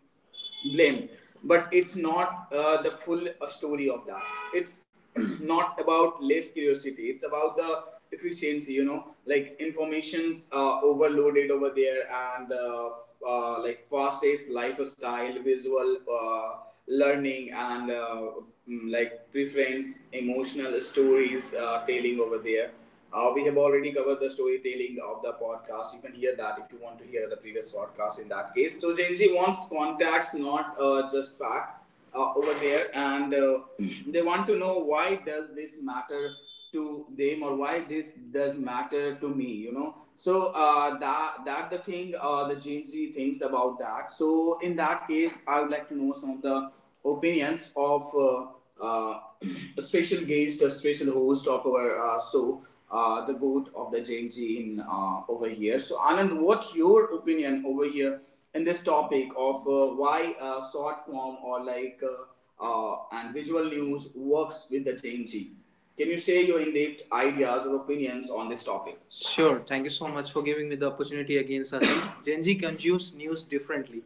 [SPEAKER 1] blamed, but it's not uh, the full uh, story of that. It's <clears throat> not about less curiosity. It's about the efficiency, you know, like informations uh overloaded over there, and uh, f- uh, like fast-paced lifestyle, visual uh, learning, and uh, mm, like preference emotional stories uh, telling over there. Uh, we have already covered the storytelling of the podcast, you can hear that if you want to hear the previous podcast, in that case. So Genji wants context, not uh, just fact uh, over there, and uh, they want to know why does this matter to them, or why this does matter to me, you know. So uh, that that the thing uh, the Gen Z thinks about that. So in that case, I would like to know some of the opinions of uh, uh, <clears throat> a special guest, a special host of our uh, show, uh, the goat of the J N G in uh, over here. So Anand, what your opinion over here in this topic of uh, why uh, short form or like uh, uh, and visual news works with the J N G? Can you share your in-depth ideas or opinions on this topic? Sure. Thank you so much for giving me the opportunity again, Sachin. <coughs> Gen Z consumes news differently.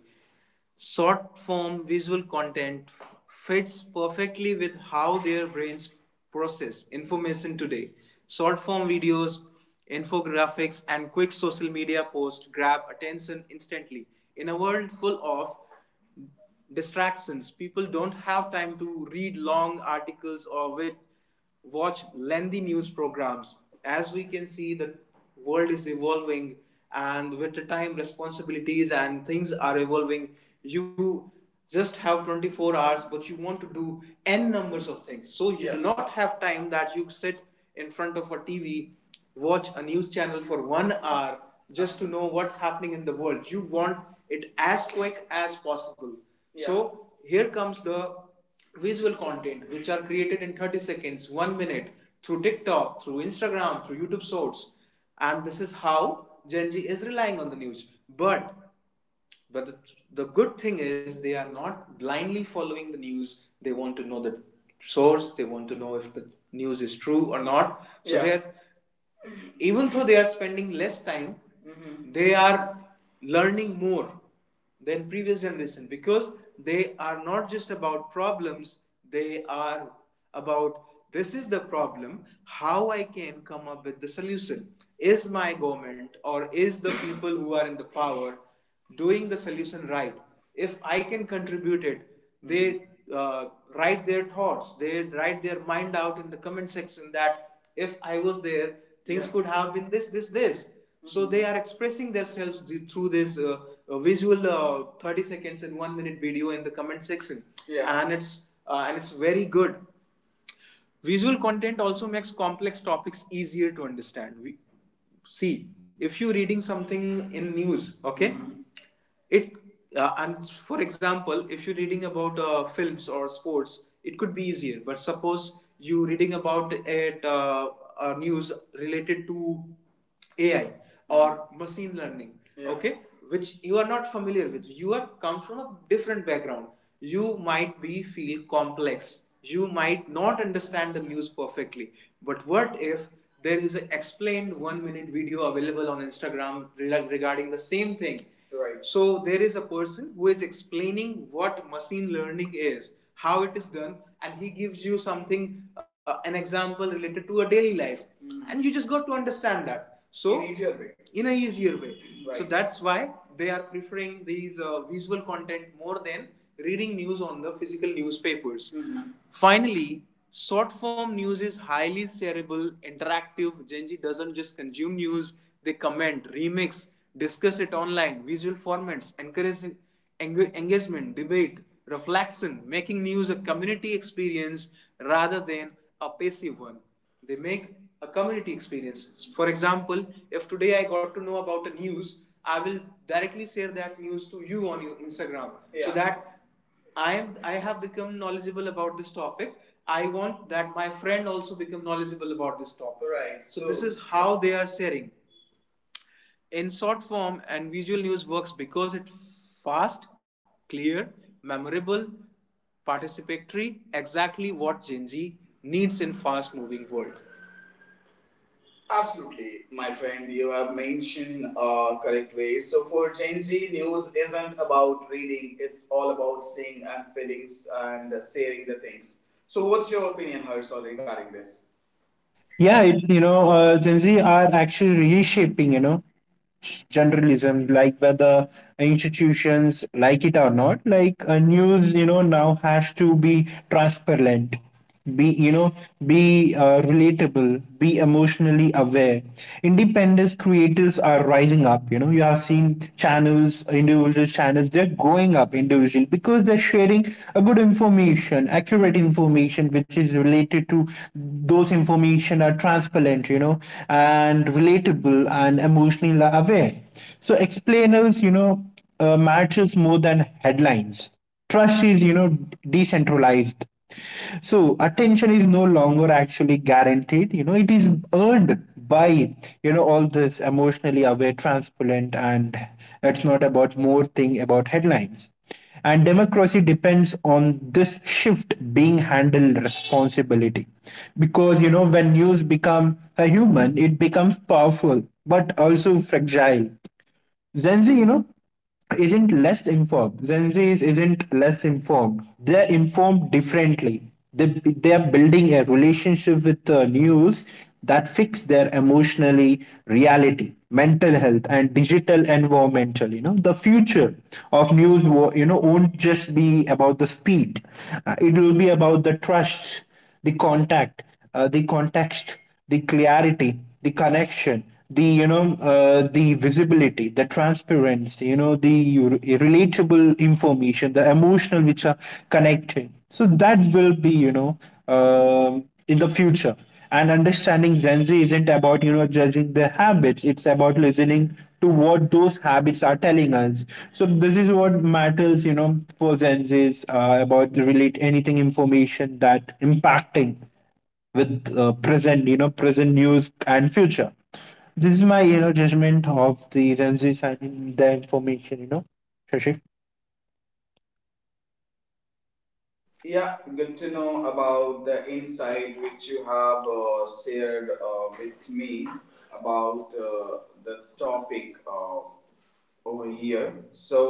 [SPEAKER 1] Short form visual content fits perfectly with how their brains process information today. Short form videos, infographics, and quick social media posts grab attention instantly. In a world full of distractions, people don't have time to read long articles or with, watch lengthy news programs. As we can see, the world is evolving, and with the time, responsibilities and things are evolving. You just have twenty-four hours, but you want to do n numbers of things. So you, yeah, do not have time that you sit in front of a T V, watch a news channel for one hour just to know what's happening in the world. You want it as quick as possible. Yeah. So here comes the visual content which are created in thirty seconds, one minute through TikTok, through Instagram, through YouTube Shorts. And this is how Gen Z is relying on the news. But but the, the good thing is they are not blindly following the news. They want to know the source. They want to know if the news is true or not. So, yeah, they're even though they are spending less time, mm-hmm, they are learning more than previous generation, because they are not just about problems, they are about this is the problem, how I can come up with the solution. Is my government or is the people who are in the power doing the solution right? If I can contribute it, they uh, write their thoughts, they write their mind out in the comment section that if I was there, things, yeah, could have been this this this Mm-hmm. So they are expressing themselves through this uh, uh, visual uh, thirty seconds and one minute video in the comment section, yeah, and it's uh, and it's very good. Visual content also makes complex topics easier to understand. We, see, if you're reading something in news, okay, it uh, and for example, if you're reading about uh, films or sports, it could be easier. But suppose you're reading about it, uh, uh, news related to A I, or machine learning, yeah, okay, which you are not familiar with, you are come from a different background, you might be feel complex, you might not understand the news perfectly. But what if there is an explained one minute video available on Instagram regarding the same thing? Right. So there is a person who is explaining what machine learning is, how it is done, and he gives you something, uh, an example related to a daily life, mm, and you just got to understand that. So in easier way. In a easier way. Right. So that's why they are preferring these uh, visual content more than reading news on the physical newspapers. Mm-hmm. Finally, short form news is highly shareable, interactive. Gen Z doesn't just consume news, they comment, remix, discuss it online, visual formats, encouraging eng- engagement, debate, reflection, making news a community experience rather than a passive one. They make a community experience. For example, if today I got to know about a news, I will directly share that news to you on your Instagram. Yeah. So, yeah, that I am I have become knowledgeable about this topic. I want that my friend also become knowledgeable about this topic. Right. So, so- this is how they are sharing. In short form and visual news works because it fast, clear, memorable, participatory, exactly what Gen Z needs in fast moving world. Absolutely, my friend. You have mentioned uh, correct way. So for Gen Z, news isn't about reading; it's all about seeing and feelings and sharing the things. So, what's your opinion, Hershel, regarding this?
[SPEAKER 2] Yeah, it's you know, uh, Gen Z are actually reshaping, you know sh- journalism, like whether institutions like it or not, like uh, news, you know, now has to be transparent, be you know be uh, relatable, be emotionally aware. Independent creators are rising up, you know. You have seen channels, individual channels, they're growing up individually, because they're sharing a good information, accurate information, which is related to, those information are transparent, you know, and relatable and emotionally aware. So explain Explainers, you know, uh, matters more than headlines. Trust is, you know, decentralized. So attention is no longer actually guaranteed. You know, it is earned by, you know, all this emotionally aware, transparent, and it's not about more thing about headlines. And democracy depends on this shift being handled responsibility. Because, you know, when news become a human, it becomes powerful, but also fragile. Gen Z, you know, isn't less informed. Gen Z is- isn't less informed. They're informed differently. They they're building a relationship with the news that fix their emotionally reality, mental health, and digital environmental. You know, the future of news, wo- you know, won't just be about the speed. Uh, it will be about the trust, the contact uh, the context, the clarity, the connection, the you know uh, the visibility, the transparency, you know the relatable information, the emotional which are connected. So that will be, you know um in the future. And understanding Gen Z isn't about, you know, judging their habits. It's about listening to what those habits are telling us. So this is what matters, you know, for Gen Zs uh, about relate anything information that impacting with uh, present, you know, present news and future. This is my, you know, judgment of the Gen Zs and their information, you know, Shashi.
[SPEAKER 1] Yeah, good to know about the insight which you have uh, shared uh, with me about uh, the topic uh, over here. So,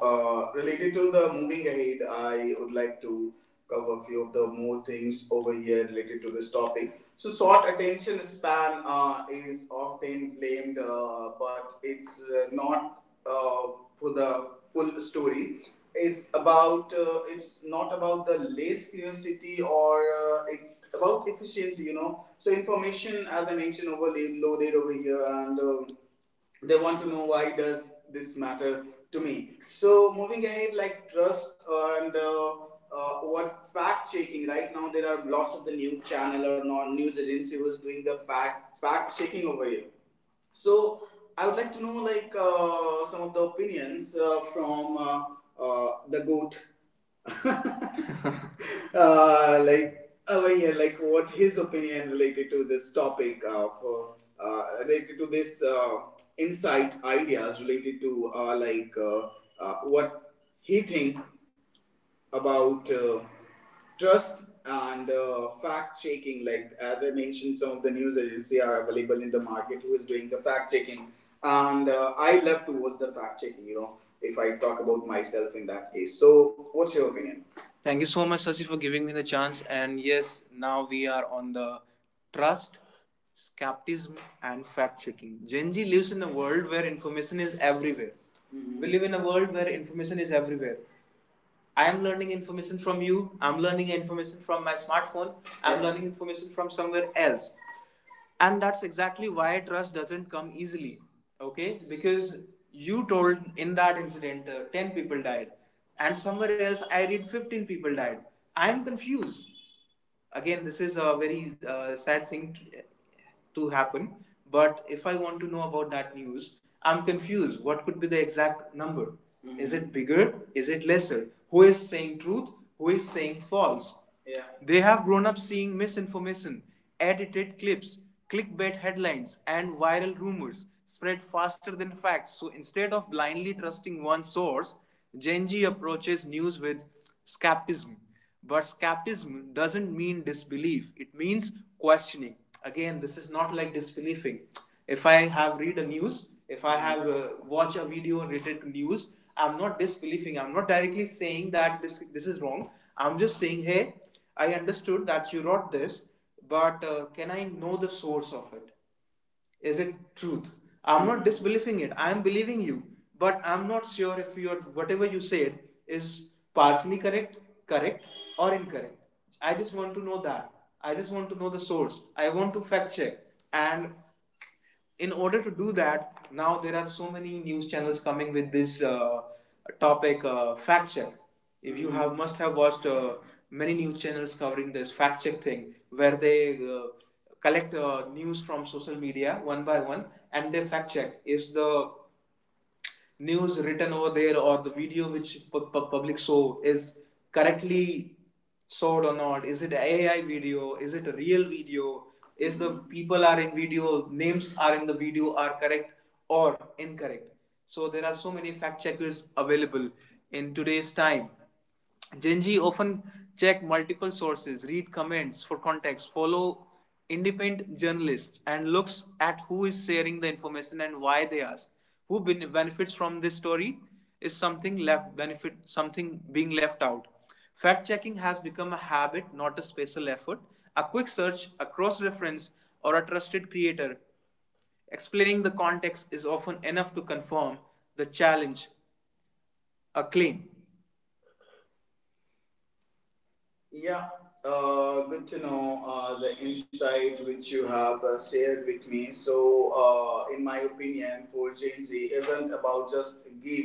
[SPEAKER 1] uh, related to the moving ahead, I would like to cover a few of the more things over here related to this topic. So, short attention span uh, is often blamed, uh, but it's uh, not uh, for the full story. It's about uh, it's not about the less curiosity, or uh, it's about efficiency, you know. So information, as I mentioned, overloaded over here, and um, they want to know, why does this matter to me? So moving ahead, like trust and uh, uh, what fact checking. Right now there are lots of the news channel or non news agency was doing the fact fact checking over here. So I would like to know, like, uh, some of the opinions uh, from uh, uh, the goat, <laughs> uh, like uh, well, yeah, like what his opinion related to this topic of uh, uh, related to this uh, insight ideas related to uh, like uh, uh, what he think about uh, trust and uh, fact checking, like as I mentioned, some of the news agency are available in the market who is doing the fact checking, and uh, I love to watch the fact checking, you know, if I talk about myself in that case. So what's your opinion? Thank you so much, Sasi, for giving me the chance. And yes, now we are on the trust, skepticism, and fact checking. Gen Z lives in a world where information is everywhere. Mm-hmm. We live in a world where information is everywhere. I am learning information from you. I'm learning information from my smartphone. I'm, yeah, learning information from somewhere else, and that's exactly why trust doesn't come easily, okay, because you told in that incident uh, ten people died, and somewhere else I read fifteen people died. I'm confused. Again, this is a very uh, sad thing to happen. But if I want to know about that news, I'm confused. What could be the exact number? Mhm. Is it bigger? Is it lesser? Who is saying truth? Who is saying false? Yeah. They have grown up seeing misinformation, edited clips, clickbait headlines, and viral rumors spread faster than facts. So instead of blindly trusting one source, Gen Z approaches news with skepticism. But skepticism doesn't mean disbelief, it means questioning. Again, this is not like disbelieving. If I have read a news, if I have uh, watched a video related to news, I'm not disbelieving. I'm not directly saying that this, this is wrong. I'm just saying, hey, I understood that you wrote this, but uh, can I know the source of it? Is it truth? I'm not disbelieving it, I'm believing you, but I'm not sure if your whatever you said is partially correct, correct or incorrect. I just want to know that, I just want to know the source, I want to fact check. And in order to do that, now there are so many news channels coming with this uh, topic, uh, fact check. If you have must have watched uh, many news channels covering this fact check thing, where they uh, collect uh, news from social media one by one, and they fact check is the news written over there, or the video which public saw is correctly showed or not, is it AI video, is it a real video, is the people are in video, names are in the video are correct or incorrect. So there are so many fact checkers available in today's time. Genji often check multiple sources, read comments for context, follow independent journalists, and looks at who is sharing the information and why they ask. Who benefits from this story, is something left benefit, something being left out? Fact checking has become a habit, not a special effort. A quick search, a cross reference, or a trusted creator explaining the context is often enough to confirm the challenge, a claim. Yeah, uh, good to know uh, the insight which you have uh, shared with me. So, uh, in my opinion, for Gen Z isn't about just give,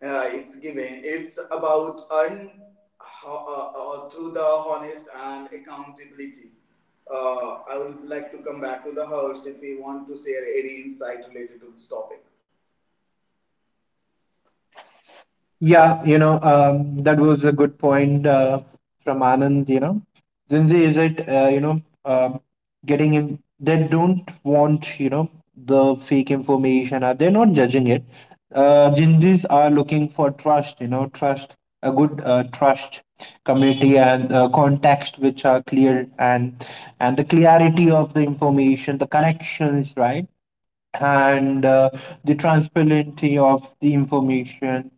[SPEAKER 1] uh, it's giving. It's about earn ho- uh, uh, through the honest and accountability. Uh, I would like to come back to the house if we want to share any insight related to this topic.
[SPEAKER 2] Yeah, you know, um, that was a good point uh, from Anand. You know, Zinzi is it, uh, you know, um getting him, they don't want, you know, the fake information, or they're not judging it. Uh, Jinjis are looking for trust, you know, trust, a good uh, trust community and uh, context which are clear and and the clarity of the information, the connections, right? And uh, the transparency of the information.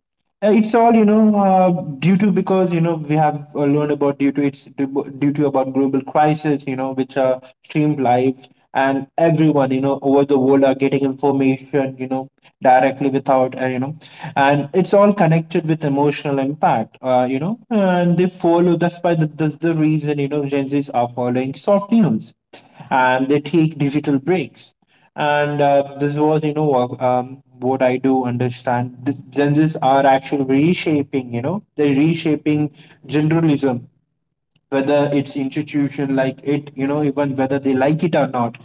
[SPEAKER 2] Uh, It's all you know uh, due to, because you know we have uh, learned about, due to, it's due due to about global crisis, you know, which are streamed live, and everyone, you know, over the world are getting information, you know, directly, without uh, you know and it's all connected with emotional impact, uh, you know, and they follow, that's why the, that's the reason, you know, Gen Z's are following soft news, and they take digital breaks. And uh, this was you know uh, um, what I do understand, the Gen Zs are actually reshaping, you know, they're reshaping generalism, whether it's institution like it, you know, even whether they like it or not,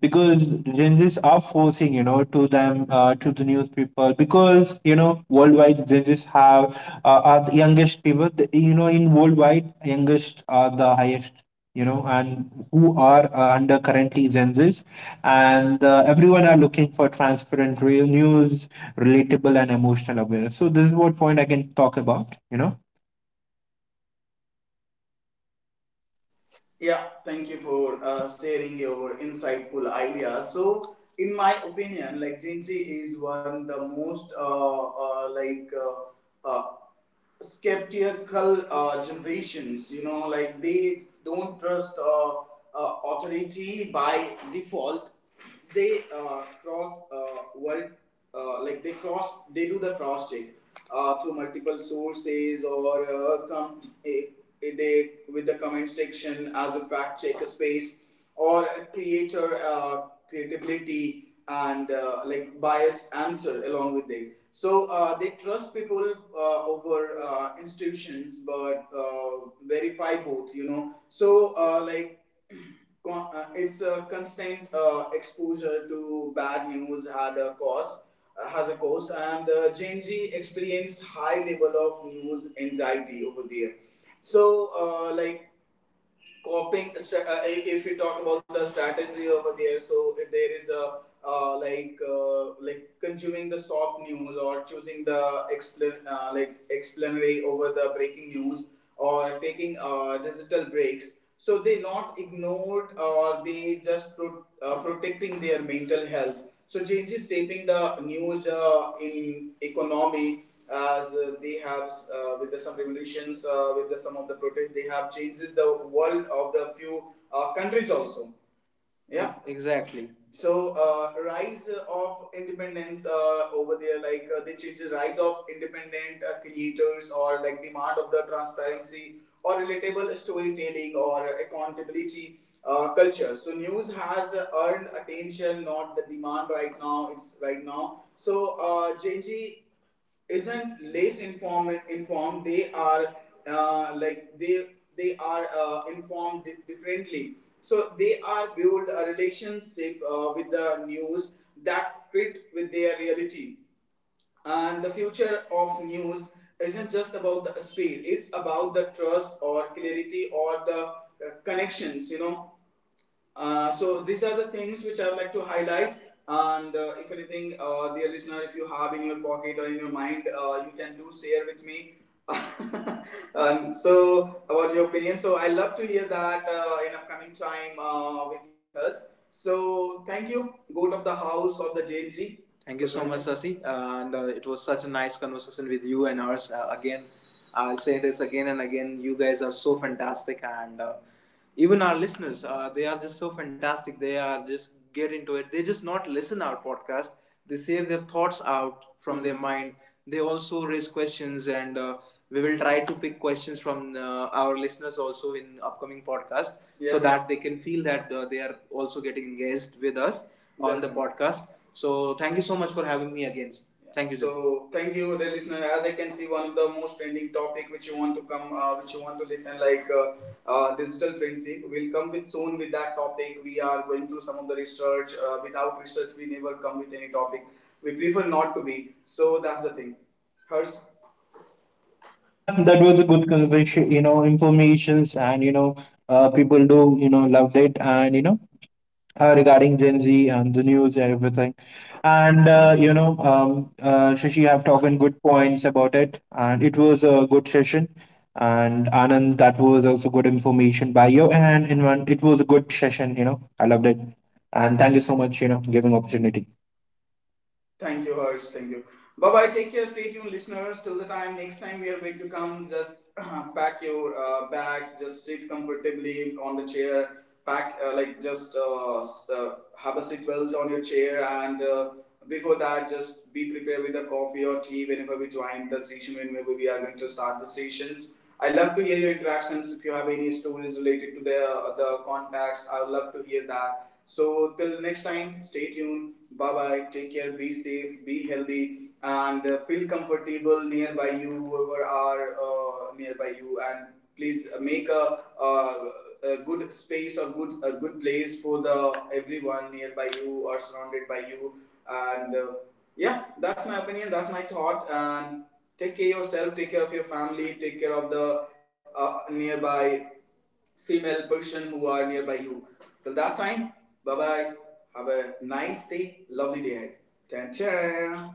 [SPEAKER 2] because Gen Zs are forcing, you know, to them, uh, to the news people, because, you know, worldwide Gen Zs have uh, are the youngest people. The- you know, in worldwide, youngest are the highest, you know, and who are uh, under currently Gen Zs. And uh, everyone are looking for transparent real news, relatable and emotional awareness. So this is what point I can talk about, you know.
[SPEAKER 1] Yeah, thank you for uh, sharing your insightful ideas. So, in my opinion, like Gen Z is one the most uh, uh, like uh, uh, skeptical uh, generations, you know, like they don't trust uh, uh, authority by default. They uh, cross uh, world, uh, like they cross, they do the cross check uh, through multiple sources, or uh, come eh, eh, they with the comment section as a fact check space, or creator uh, creativity and uh, like biased answer along with it. So uh, they trust people uh, over uh, institutions but uh, verify both, you know. So uh, like <clears throat> con- uh, it's a constant uh, exposure to bad news had a cost uh, has a cost, and uh, Gen Z experience high level of news anxiety over there. So uh, like coping, uh, if we talk about the strategy over there, so if there is a uh, like uh, like consuming the soft news or choosing the explain uh, like explanatory over the breaking news, or taking uh, digital breaks. So they not ignored, or they just pro- uh, protecting their mental health. So changes shaping the news uh, in economy, as uh, they have uh, with the, some revolutions, uh, with the, some of the protests, they have changes the world of the few uh, countries also. Yeah, exactly. So uh, rise of independence uh, over there, like uh, they change the rise of independent uh, creators, or like demand of the transparency, or relatable storytelling, or accountability uh, culture. So news has earned attention, not the demand right now. It's right now. So uh, Gen isn't less informed informed they are, uh, like they they are uh, informed differently. So they are build a relationship uh, with the news that fit with their reality. And the future of news isn't just about the speed. It's about the trust, or clarity, or the uh, connections, you know uh, so these are the things which I would like to highlight. And uh, if anything, uh, dear listener, if you have in your pocket or in your mind, uh, you can do share with me. <laughs> um, so about your opinion. So I love to hear that uh, in upcoming time uh, with us. So thank you, goat of the house of the J N G. Thank you so much, Sasi. Uh, And uh, it was such a nice conversation with you and ours. Uh, again, I'll say this again and again. You guys are so fantastic, and uh, even our listeners, uh, they are just so fantastic. They are just get into it. They just not listen our podcast. They share their thoughts out from mm-hmm. their mind. They also raise questions, and uh, we will try to pick questions from uh, our listeners also in upcoming podcast, yeah. so Yeah. that they can feel that uh, they are also getting engaged with us on the podcast. So thank you so much for having me again. Thank you. So thank you, dear listener. As I can see, one of the most trending topic which you want to come, uh, which you want to listen, like uh, uh, digital friendship. We'll come with soon with that topic. We are going through some of the research. Uh, without research, we never come with any topic. We prefer not to be. So that's the thing. Hers.
[SPEAKER 2] Yeah, that was a good conversation, you know, informations and, you know, uh, people do, you know, loved it, and, you know, uh, regarding Gen Z and the news and everything. And, uh, you know, um, uh, Shashi have talked in good points about it, and it was a good session. And Anand, that was also good information by you, and, in one, it was a good session, you know, I loved it. And thank you so much, you know, giving opportunity.
[SPEAKER 1] Thank you, Harsh. Thank you. Bye bye. Take care. Stay tuned, listeners. Till the time next time we are going to come, just <clears throat> pack your uh, bags. Just sit comfortably on the chair. Pack uh, like just uh, s- uh, Have a seatbelt on your chair, and uh, before that, just be prepared with a coffee or tea whenever we join the session. Whenever we are going to start the sessions. I love to hear your interactions. If you have any stories related to the uh, the contacts, I would love to hear that. So till next time, stay tuned. Bye bye. Take care. Be safe. Be healthy, and uh, feel comfortable nearby you, whoever are uh, nearby you, and please uh, make a, uh, a good space or good a good place for the everyone nearby you, or surrounded by you. And uh, yeah, that's my opinion. That's my thought. And take care of yourself. Take care of your family. Take care of the uh, nearby female person who are nearby you. Till that time, bye bye. Have a nice day, lovely day ahead. Tan